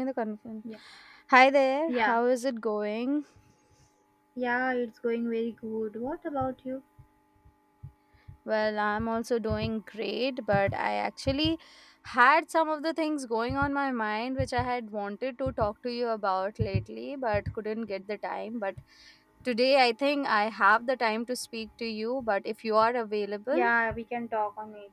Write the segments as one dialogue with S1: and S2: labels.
S1: In the conference.
S2: Yeah,
S1: Hi there,
S2: yeah,
S1: how is it going?
S2: yeah, it's going very good. What about you?
S1: Well, I'm also doing great, but I actually had some of the things going on my mind which I had wanted to talk to you about lately, but couldn't get the time. But today I think I have the time to speak to you. But if you are available,
S2: Yeah, we can talk on it.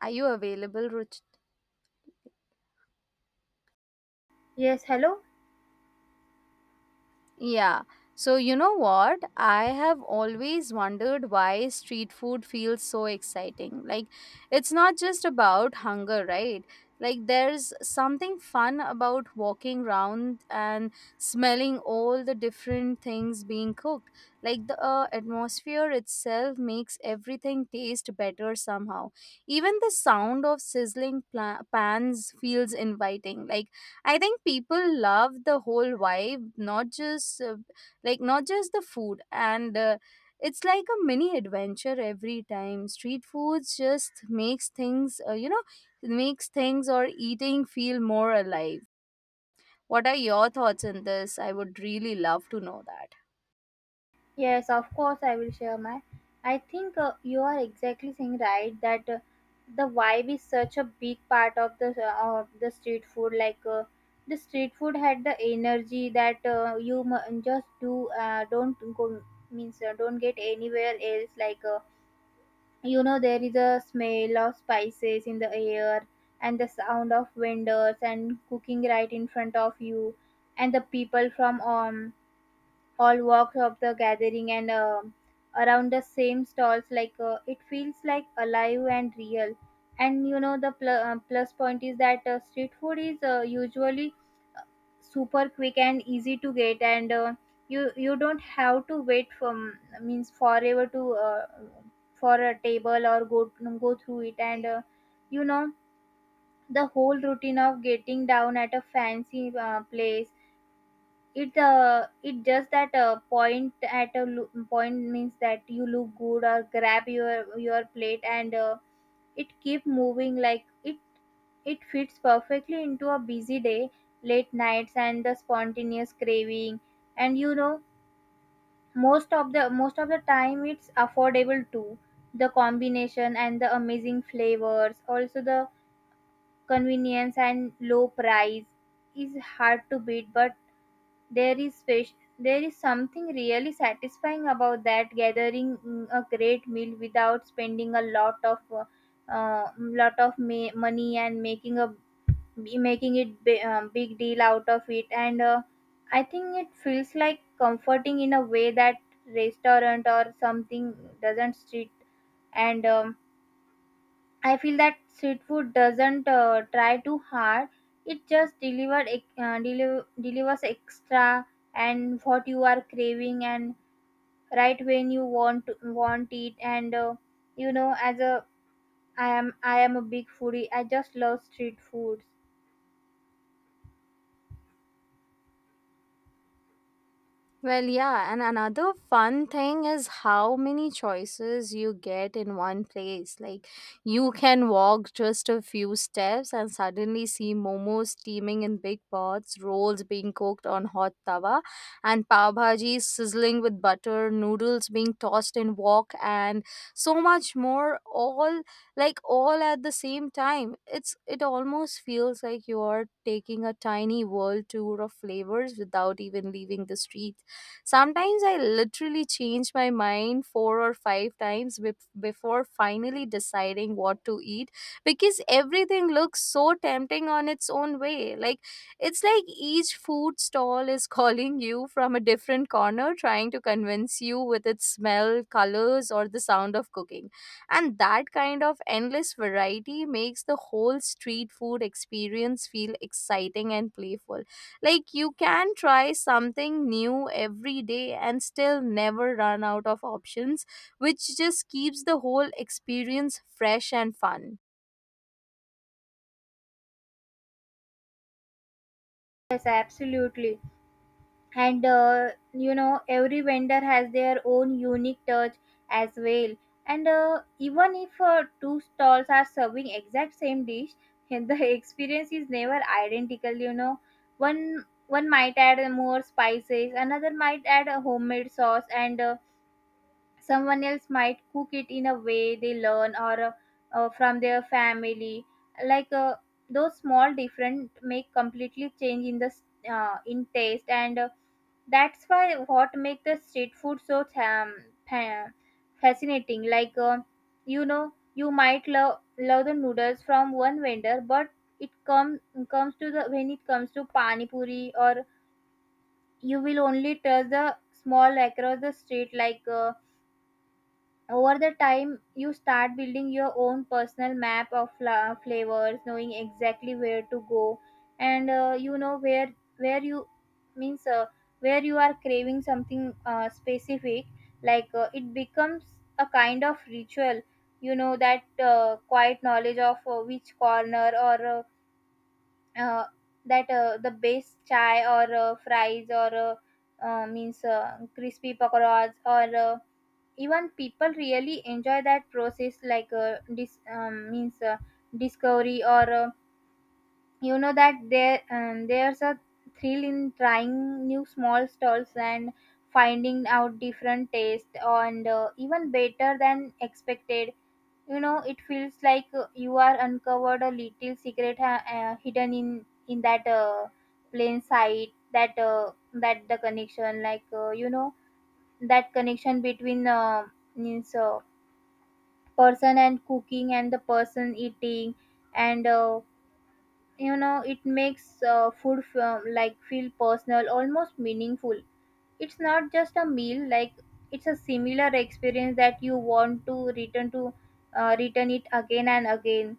S1: are you available, Ruchi?
S2: Yes, hello?
S1: Yeah. So, you know what? I have always wondered why street food feels so exciting. Like, it's not just about hunger, right? Like, there's something fun about walking around and smelling all the different things being cooked. Like, the atmosphere itself makes everything taste better somehow. Even the sound of pans feels inviting. Like, I think people love the whole vibe, not just the food, and it's like a mini adventure every time. Street foods just makes makes things or eating feel more alive. What are your thoughts on this? I would really love to know that.
S2: Yes, of course, I will share my. I think you are exactly saying right that the vibe is such a big part of the street food. Like, the street food had the energy that you mu- just do don't go means don't get anywhere else. Like, you know there is a smell of spices in the air and the sound of vendors and cooking right in front of you and the people from all walks of the gathering and around the same stalls like, it feels like alive and real and you know the plus point is that street food is usually super quick and easy to get and you don't have to wait for means forever to for a table or go through it and you know the whole routine of getting down at a fancy place it just that point at a point means that you look good or grab your plate and it keep moving like it fits perfectly into a busy day, late nights and the spontaneous craving. And you know, most of the time it's affordable too. The combination and the amazing flavors, also the convenience and low price is hard to beat, but there is special there is something really satisfying about that gathering a great meal without spending a lot of money and making a be making it big deal out of it and I think it feels like comforting in a way that restaurant or something doesn't street and I feel that street food doesn't try too hard. It just delivers extra and what you are craving and right when you want it and you know as a I am a big foodie. I just love street foods.
S1: Well, yeah, and another fun thing is how many choices you get in one place. Like, you can walk just a few steps and suddenly see momos steaming in big pots, rolls being cooked on hot tawa, and pav bhaji sizzling with butter, noodles being tossed in wok, and so much more. All like all at the same time. It almost feels like you are taking a tiny world tour of flavors without even leaving the street. Sometimes I literally change my mind four or five before finally deciding what to eat because everything looks so tempting on its own way. Like, it's like each food stall is calling you from a different corner, trying to convince you with its smell, colors, or the sound of cooking. And that kind of endless variety makes the whole street food experience feel exciting and playful like you can try something new every day and still never run out of options, which just keeps the whole experience fresh and fun.
S2: Yes, absolutely. And you know every vendor has their own unique touch as well, and even if two stalls are serving exact same dish the experience is never identical, you know. One might add more spices, another might add a homemade sauce, and someone else might cook it in a way they learn or from their family. Like, those small different make completely change in in taste and that's why what make the street food so fa- fascinating. Like, you know, you might love the noodles from one vendor, but it come comes to the when it comes to pani puri, or you will only touch the small across the street like. Over the time you start building your own personal map of flavors, knowing exactly where to go. And you know where you means where you are craving something specific. Like, it becomes a kind of ritual, you know, that quiet knowledge of which corner or uh, uh, that the best chai or fries or means crispy pakoras or even people really enjoy that process like discovery or you know that there's a thrill in trying new small stalls and finding out different taste and even better than expected. You know, it feels like you are uncovered a little secret hidden in that plain sight that the connection like, you know that connection between means person and cooking and the person eating and you know it makes food feel personal, almost meaningful. It's not just a meal like it's a similar experience that you want to return to, return it again and again.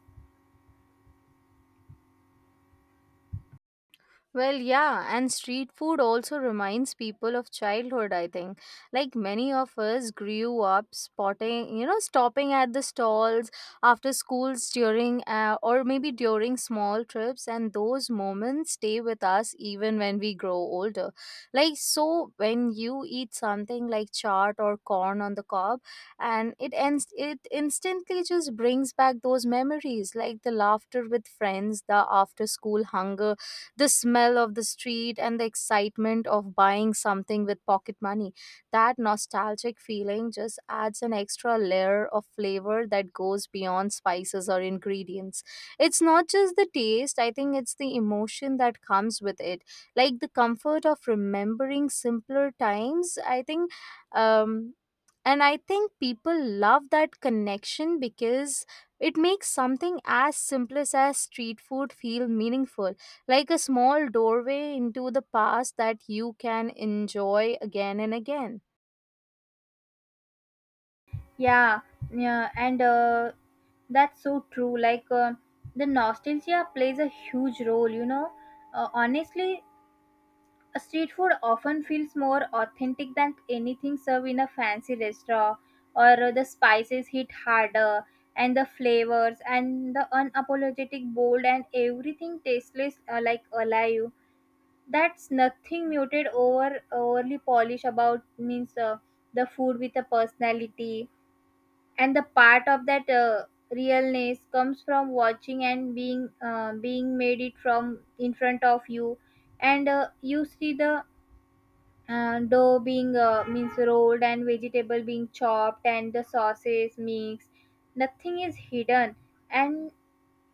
S1: Well, yeah, and street food also reminds people of childhood, I think. Like many of us grew up spotting, you know, stopping at the stalls after schools during or maybe during small trips, and those moments stay with us even when we grow older. Like, so when you eat something like chaat or corn on the cob, and it ends, it instantly just brings back those memories, like the laughter with friends, the after school hunger, the smell of the street and the excitement of buying something with pocket money. That nostalgic feeling just adds an extra layer of flavor that goes beyond spices or ingredients. It's not just the taste, I think it's the emotion that comes with it. Like the comfort of remembering simpler times, I think um, and I think people love that connection because it makes something as simplest as street food feel meaningful, like a small doorway into the past that you can enjoy again and again.
S2: Yeah yeah And that's so true, like, the nostalgia plays a huge role, you know. Honestly, street food often feels more authentic than anything served in a fancy restaurant, or the spices hit harder, and the flavors, and the unapologetic bold, and everything tasteless like alive. That's nothing muted overly polished about means the food with a personality, and the part of that realness comes from watching and being made it from in front of you, and you see the and dough being means rolled and vegetable being chopped and the sauces mixed. Nothing is hidden. And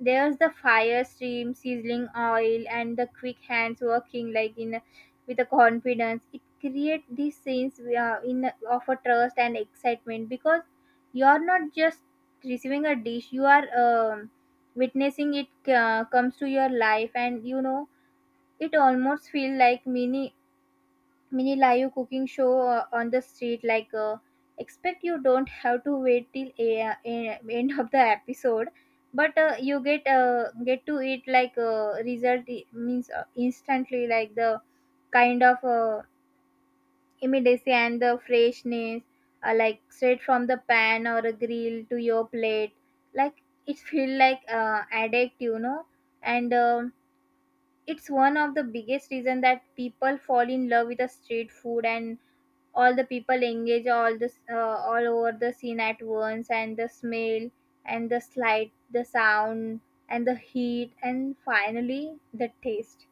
S2: there's the fire stream sizzling oil and the quick hands working with a confidence. It creates these scenes of a trust and excitement because you're not just receiving a dish, you are witnessing it comes to your life. And you know it almost feel like mini live cooking show on the street like, expect you don't have to wait till end of the episode, but you get to eat like result I- means instantly, like the kind of immediacy and the freshness, like straight from the pan or a grill to your plate, like it feel like addict, you know. And it's one of the biggest reason that people fall in love with the street food, and all the people engage all this all over the scene at once, and the smell and the slight the sound and the heat and finally the taste.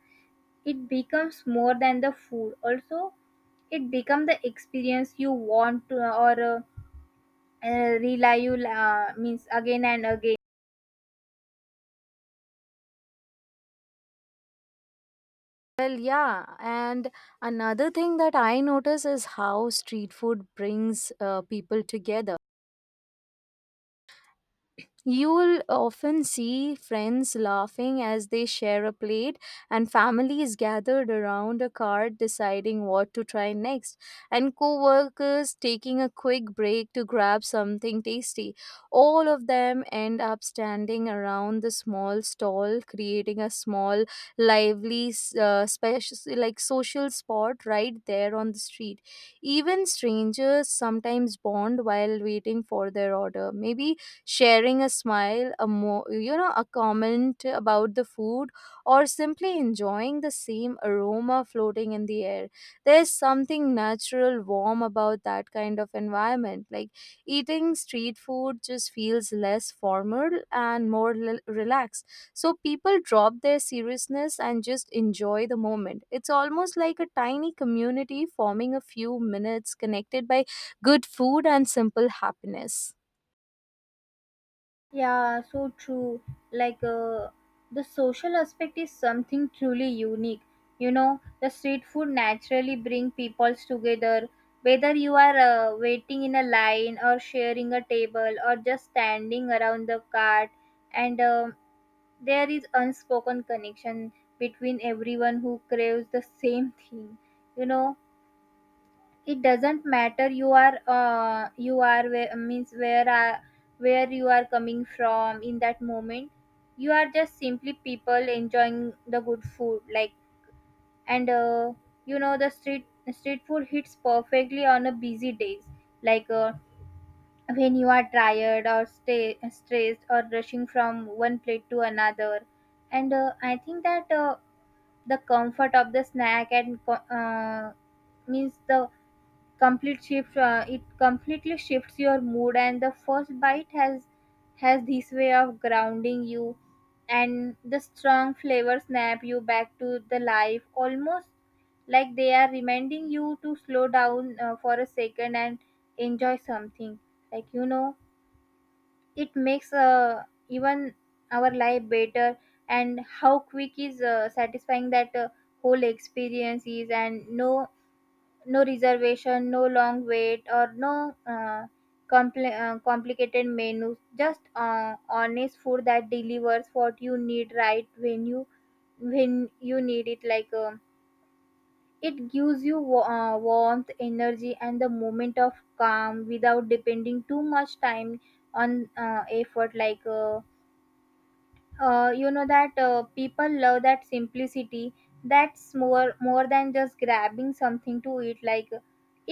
S2: It becomes more than the food also. It become the experience you want to or rely you means again and again.
S1: Well, yeah, and another thing that I notice is how street food brings people together. You'll often see friends laughing as they share a plate, and families gathered around a cart deciding what to try next, and co workers taking a quick break to grab something tasty. All of them end up standing around the small stall, creating a small, lively, special, like social spot right there on the street. Even strangers sometimes bond while waiting for their order. Maybe sharing a smile, a mo- you know, a comment about the food, or simply enjoying the same aroma floating in the air. There's something natural, warm about that kind of environment. Like eating street food just feels less formal and more relaxed. So people drop their seriousness and just enjoy the moment. It's almost like a tiny community forming a few minutes connected by good food and simple happiness.
S2: Yeah, so true. Like, the social aspect is something truly unique. You know, the street food naturally bring peoples together. Whether you are waiting in a line or sharing a table or just standing around the cart, and there is unspoken connection between everyone who craves the same thing. You know, it doesn't matter you are where, means where are where you are coming from in that moment. You are just simply people enjoying the good food like. And you know the street food hits perfectly on a busy days, like, when you are tired or stay stressed or rushing from one plate to another. And I think that the comfort of the snack and co- means the complete shift it completely shifts your mood, and the first bite has this way of grounding you, and the strong flavor snap you back to the life almost like they are reminding you to slow down for a second and enjoy something, like you know it makes even our life better, and how quick is satisfying that whole experience is. And no reservation, no long wait, or no complicated menus. Just honest food that delivers what you need right when you need it. Like it gives you warmth, energy, and the moment of calm without depending too much time on effort. Like, you know that people love that simplicity. That's more than just grabbing something to eat. Like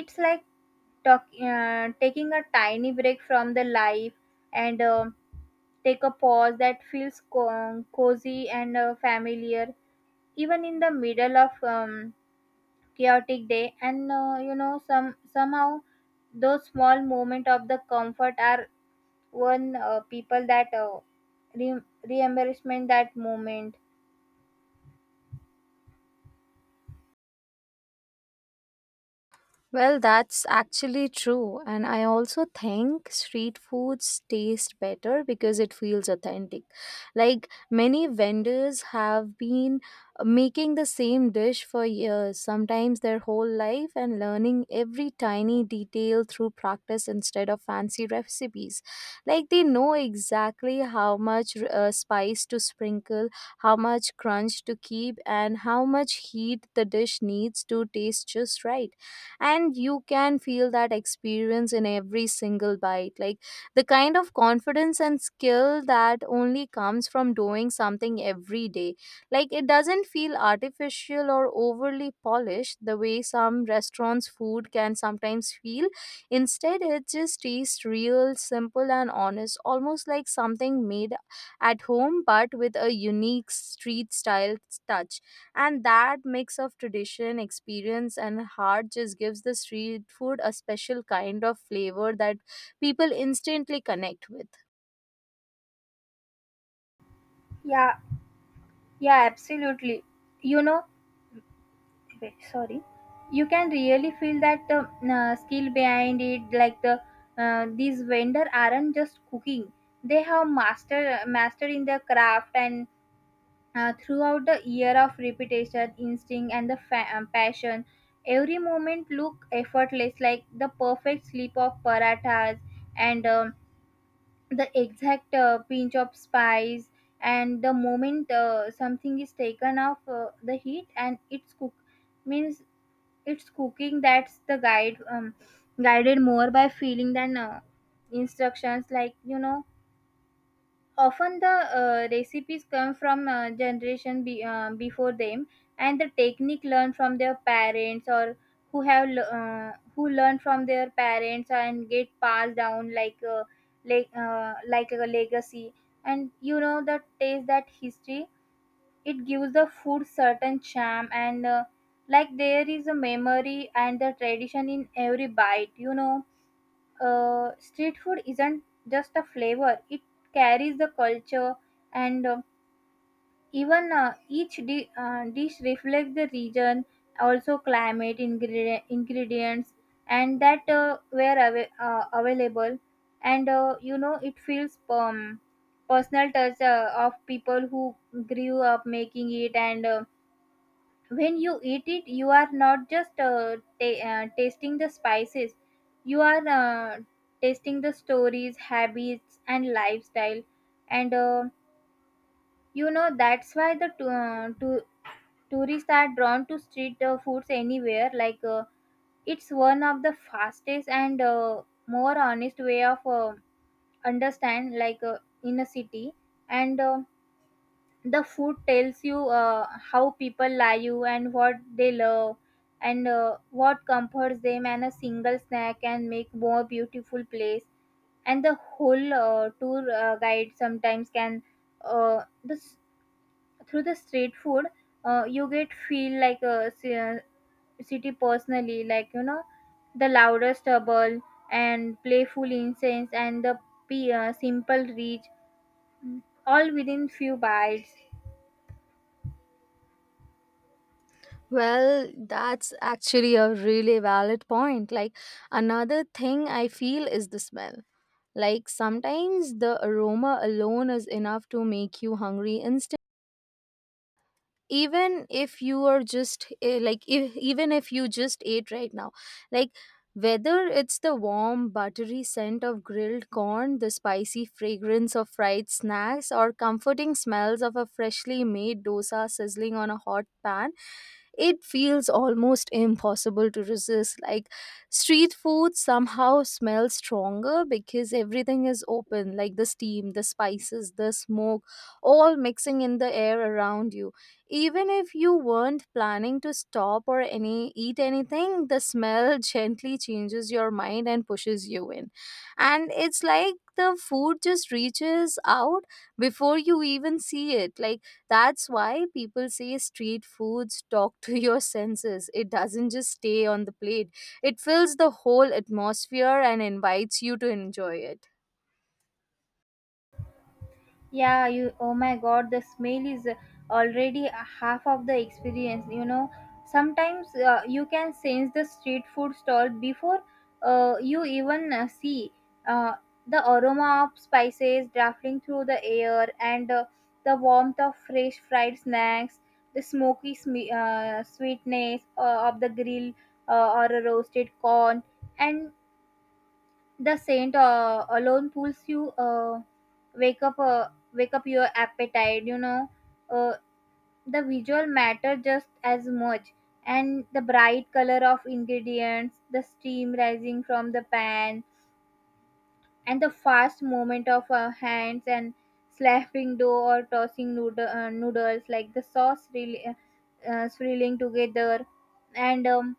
S2: it's like taking a tiny break from the life. And take a pause that feels cozy and familiar, even in the middle of chaotic day. And you know some somehow those small moments of the comfort are one people that re- reimbursement that moment.
S1: Well, that's actually true. And I also think street foods taste better because it feels authentic. Like many vendors have been making the same dish for years, sometimes their whole life, and learning every tiny detail through practice instead of fancy recipes. Like they know exactly how much spice to sprinkle, how much crunch to keep, and how much heat the dish needs to taste just right, and you can feel that experience in every single bite, like the kind of confidence and skill that only comes from doing something every day. Like it doesn't feel artificial or overly polished the way some restaurants food can sometimes feel. Instead it just tastes real, simple and honest, almost like something made at home but with a unique street style touch. And that mix of tradition, experience, and heart just gives the street food a special kind of flavor that people instantly connect with.
S2: Yeah, yeah, absolutely, you know. Wait, sorry. You can really feel that skill behind it, like these vendor aren't just cooking. They have master in their craft, and throughout the year of repetition, instinct, and the passion. Every moment look effortless, like the perfect slip of parathas, and the exact pinch of spice, and the moment something is taken off the heat and it's cooked means it's cooking. That's the guided more by feeling than instructions, like you know. Often the recipes come from generation before them, and the technique learned from their parents, or who have who learned from their parents and get passed down like like a legacy. And you know the taste that history, it gives the food certain charm. And like there is a memory and the tradition in every bite, you know. Street food isn't just a flavor, it carries the culture. And even each dish reflects the region, also climate, ingredients, and that were available. And you know it feels Personal touch of people who grew up making it. And When you eat it, you are not just tasting the spices, you are tasting the stories, habits and lifestyle. And that's why the tourists are drawn to street foods anywhere. It's one of the fastest and more honest way of understand, in a city. And uh, the food tells you how people like you and what they love, and what comforts them, and a single snack can make more beautiful place. And the whole tour guide sometimes can this through the street food. You get feel like a city personally, like, you know, the louder stubble and playful incense and the simple reach, all within few bites.
S1: Well, that's actually a really valid point. Like, another thing I feel is the smell. Like, sometimes the aroma alone is enough to make you hungry instantly. Even if you are just eh, like if, even if you just ate right now, like whether it's the warm buttery scent of grilled corn, the spicy fragrance of fried snacks or comforting smells of a freshly made dosa sizzling on a hot pan, it feels almost impossible to resist. Like street food somehow smells stronger because everything is open, like the steam, the spices, the smoke, all mixing in the air around you. Even if you weren't planning to stop or any eat anything, the smell gently changes your mind and pushes you in. And it's like the food just reaches out before you even see it. Like that's why people say street foods talk to your senses. It doesn't just stay on the plate, it fills the whole atmosphere and invites you to enjoy it.
S2: Yeah, you, oh my god, the smell is already a half of the experience, you know. Sometimes you can sense the street food stall before you even see uh, the aroma of spices drafting through the air, and the warmth of fresh fried snacks, the smoky sme sweetness of the grill or a roasted corn, and the Saint alone pulls you, wake up your appetite. You know, uh, the visual matter just as much, and the bright color of ingredients, the steam rising from the pan, and the fast movement of our hands and slapping dough or tossing noodles, like the sauce really swirling together, and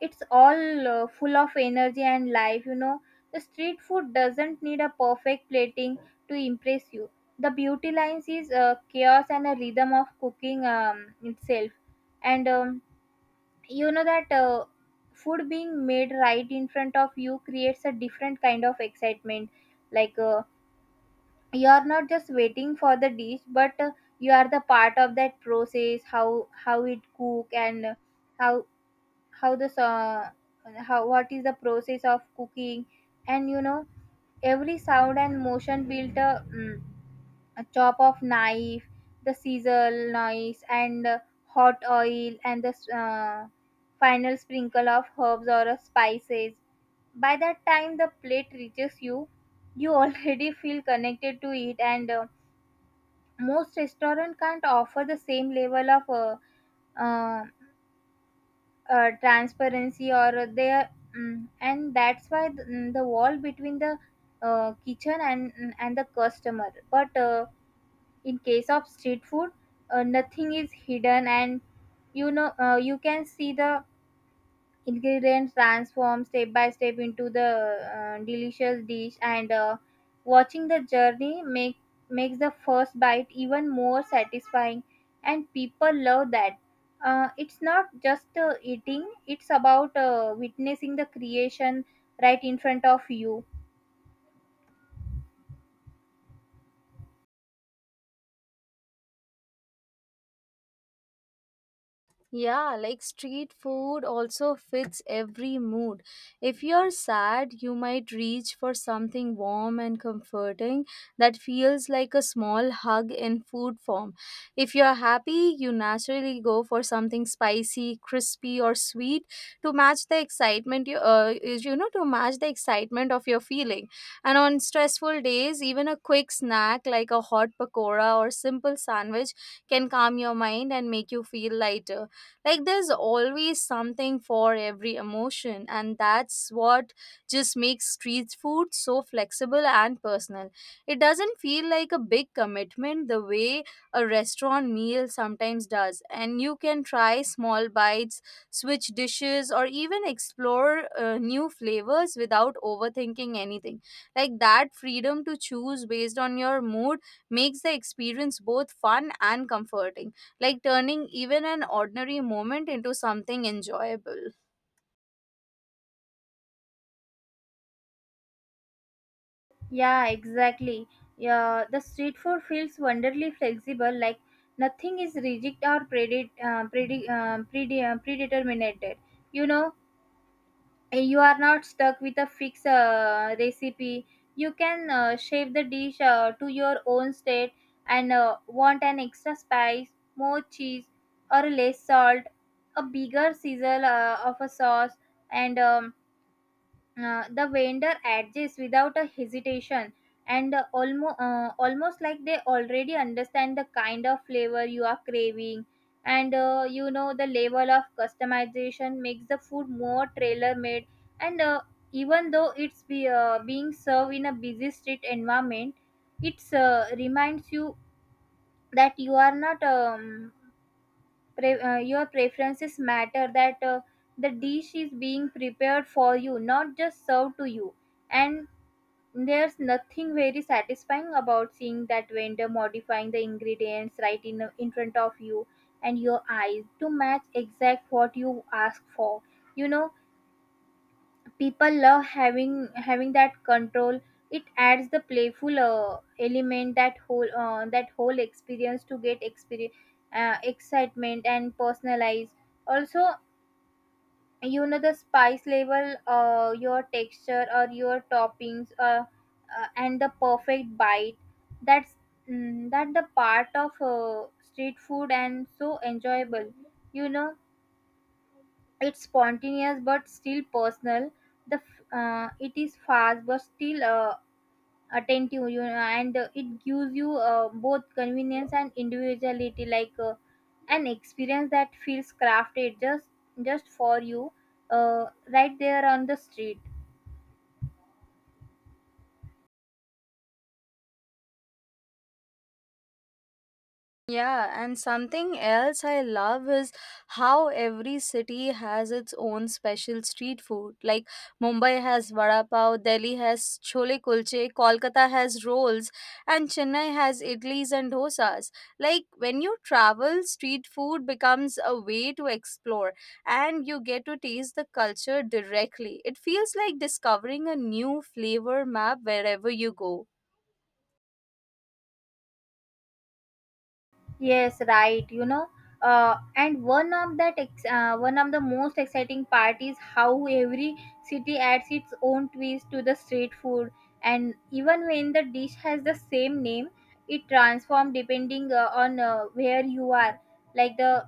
S2: it's all full of energy and life, you know. The street food doesn't need a perfect plating to impress you. The beauty lines is chaos and a rhythm of cooking itself. And um, you know that food being made right in front of you creates a different kind of excitement. Like uh, you are not just waiting for the dish, but you are the part of that process, how it cook, and how how what is the process of cooking. And you know, every sound and motion built a, a chop of knife, the sizzle noise and hot oil, and the final sprinkle of herbs or spices. By that time the plate reaches you, you already feel connected to it. And uh, most restaurant can't offer the same level of uh, transparency, or they are, and that's why the, the wall between the kitchen and and the customer. But uh, in case of street food, nothing is hidden, and you know, you can see the ingredients transform step by step into the delicious dish. And uh, watching the journey makes the first bite even more satisfying, and people love that. It's not just eating, it's about witnessing the creation right in front of you.
S1: Yeah, like street food also fits every mood. If you're sad, you might reach for something warm and comforting that feels like a small hug in food form. If you're happy, you naturally go for something spicy, crispy, or sweet to match the excitement you is- you know to match the excitement of your feeling. And on stressful days, even a quick snack like a hot pakora or simple sandwich can calm your mind and make you feel lighter. Like there's always something for every emotion, and that's what just makes street food so flexible and personal. It doesn't feel like a big commitment the way a restaurant meal sometimes does, and you can try small bites, switch dishes, or even explore new flavors without overthinking anything. Like that freedom to choose based on your mood makes the experience both fun and comforting, like turning even an ordinary moment into something enjoyable.
S2: Yeah, exactly. Yeah, the street food feels wonderfully flexible. Like, nothing is rigid or predetermined, you know. And you are not stuck with a fixed recipe. You can shape the dish to your own state. And uh, want an extra spice, more cheese, or less salt, a bigger sizzle of a sauce. And um, uh, the vendor adjusts without a hesitation, and almost like they already understand the kind of flavor you are craving. And uh, you know the level of customization makes the food more trailer made. And uh, even though being served in a busy street environment, it's reminds you that you are not your preferences matter, that the dish is being prepared for you, not just served to you. And there's nothing very satisfying about seeing that vendor modifying the ingredients right in front of you and your eyes, to match exact what you ask for, you know. People love having that control. It adds the playful element, that whole experience to get experience excitement and personalized. Also, you know, the spice level, your texture or your toppings, and the perfect bite, that's, that the part of street food, and so enjoyable, you know. It's spontaneous but still personal. The it is fast but still attentive, you know, and it gives you both convenience and individuality, an experience that feels crafted just for you, right there on the street.
S1: Yeah, and something else I love is how every city has its own special street food. Like Mumbai has vada pav, Delhi has chole kulche, Kolkata has rolls, and Chennai has idlis and dosas. Like when you travel, street food becomes a way to explore and you get to taste the culture directly. It feels like discovering a new flavor map wherever you go.
S2: Yes, right. You know, and one of that ex- one of the most exciting part is how every city adds its own twist to the street food, and even when the dish has the same name, it transforms depending on where you are. Like the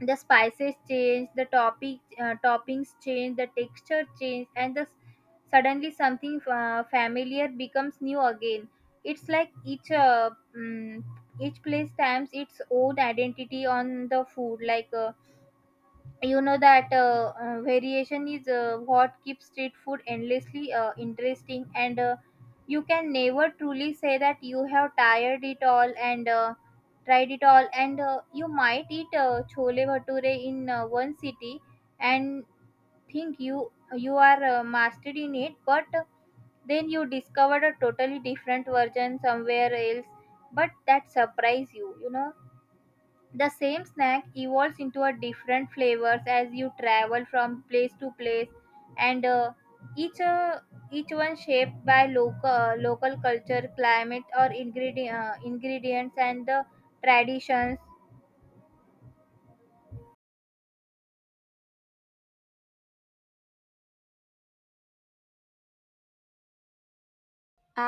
S2: the spices change, the topic toppings change, the texture change, and the suddenly something familiar becomes new again. It's like each mm, each place stamps its own identity on the food. You know that variation is what keeps street food endlessly interesting, and you can never truly say that you have tired it all and tried it all. And uh, you might eat chole bhature in one city, and think you are mastered in it, but then you discovered a totally different version somewhere else, but that surprise you, you know. The same snack evolves into a different flavors as you travel from place to place, and each uh, each one shaped by local culture, climate, or ingredients, and the traditions.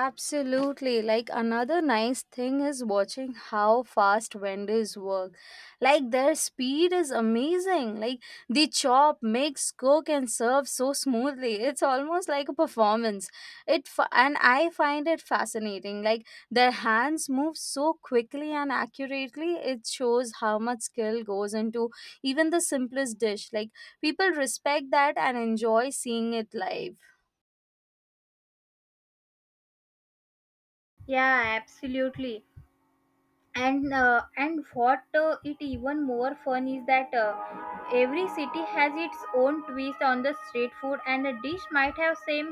S1: Absolutely. Like another nice thing is watching how fast vendors work. Like their speed is amazing. Like they chop, mix, cook and serve so smoothly. It's almost like a performance. And I find it fascinating. Like their hands move so quickly and accurately. It shows how much skill goes into even the simplest dish. Like people respect that and enjoy seeing it live.
S2: Yeah, absolutely. And what it even more fun is that every city has its own twist on the street food, and a dish might have same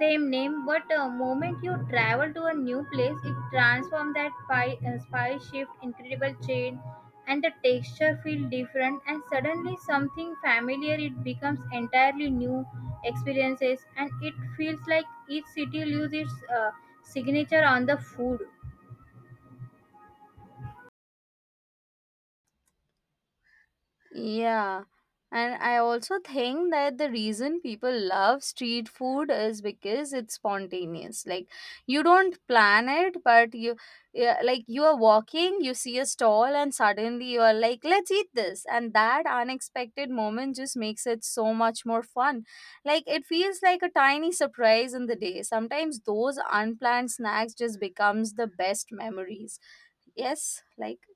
S2: same name, but moment you travel to a new place, it transforms. That pie spice shift incredible chain, and the texture feel different, and suddenly something familiar it becomes entirely new experiences. And it feels like each city loses its signature on the food.
S1: Yeah. And I also think that the reason people love street food is because it's spontaneous. Like you don't plan it, but you, yeah, like you are walking, you see a stall and suddenly you are like, let's eat this. And that unexpected moment just makes it so much more fun. Like it feels like a tiny surprise in the day. Sometimes those unplanned snacks just becomes the best memories. Yes, like.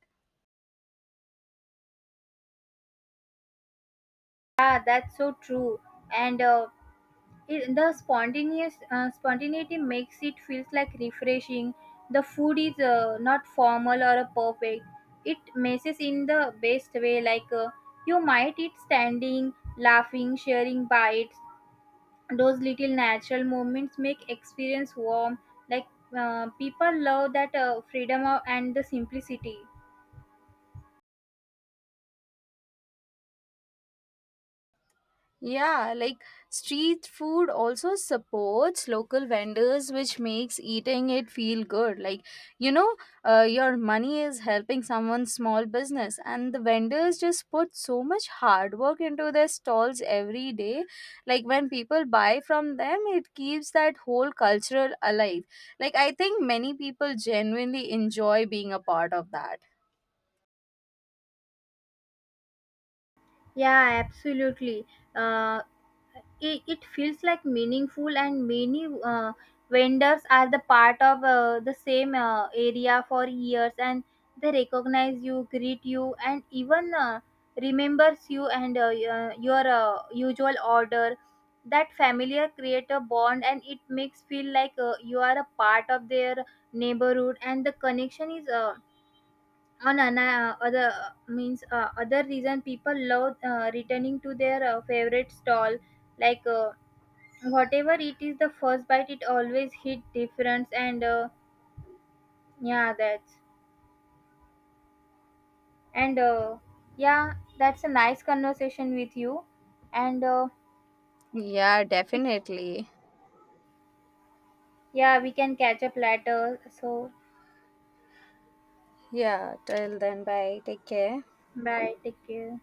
S2: Yeah, that's so true. And it, the spontaneous spontaneity makes it feels like refreshing. The food is not formal or perfect. It messes in the best way. You might eat standing, laughing, sharing bites. Those little natural moments make experience warm. Like, people love that freedom of, and the simplicity.
S1: Yeah, like street food also supports local vendors, which makes eating it feel good. Like, you know, your money is helping someone's small business, and the vendors just put so much hard work into their stalls every day. Like, when people buy from them, it keeps that whole cultural alive. Like, I think many people genuinely enjoy being a part of that.
S2: Yeah, absolutely. Uh, it feels like meaningful, and many vendors are the part of the same area for years, and they recognize you, greet you, and even remembers you and usual order. That familiar create a bond, and it makes feel like you are a part of their neighborhood, and the connection is. On an, other means Other reason people love returning to their favorite stall. like uh, Whatever it is, the first bite it always hit difference. And yeah that's and Yeah, that's a nice conversation with you. and uh,
S1: Yeah,
S2: we,
S1: definitely.
S2: yeah, we can catch up later, so
S1: Yeah, till then, bye. Take care.
S2: bye, take care.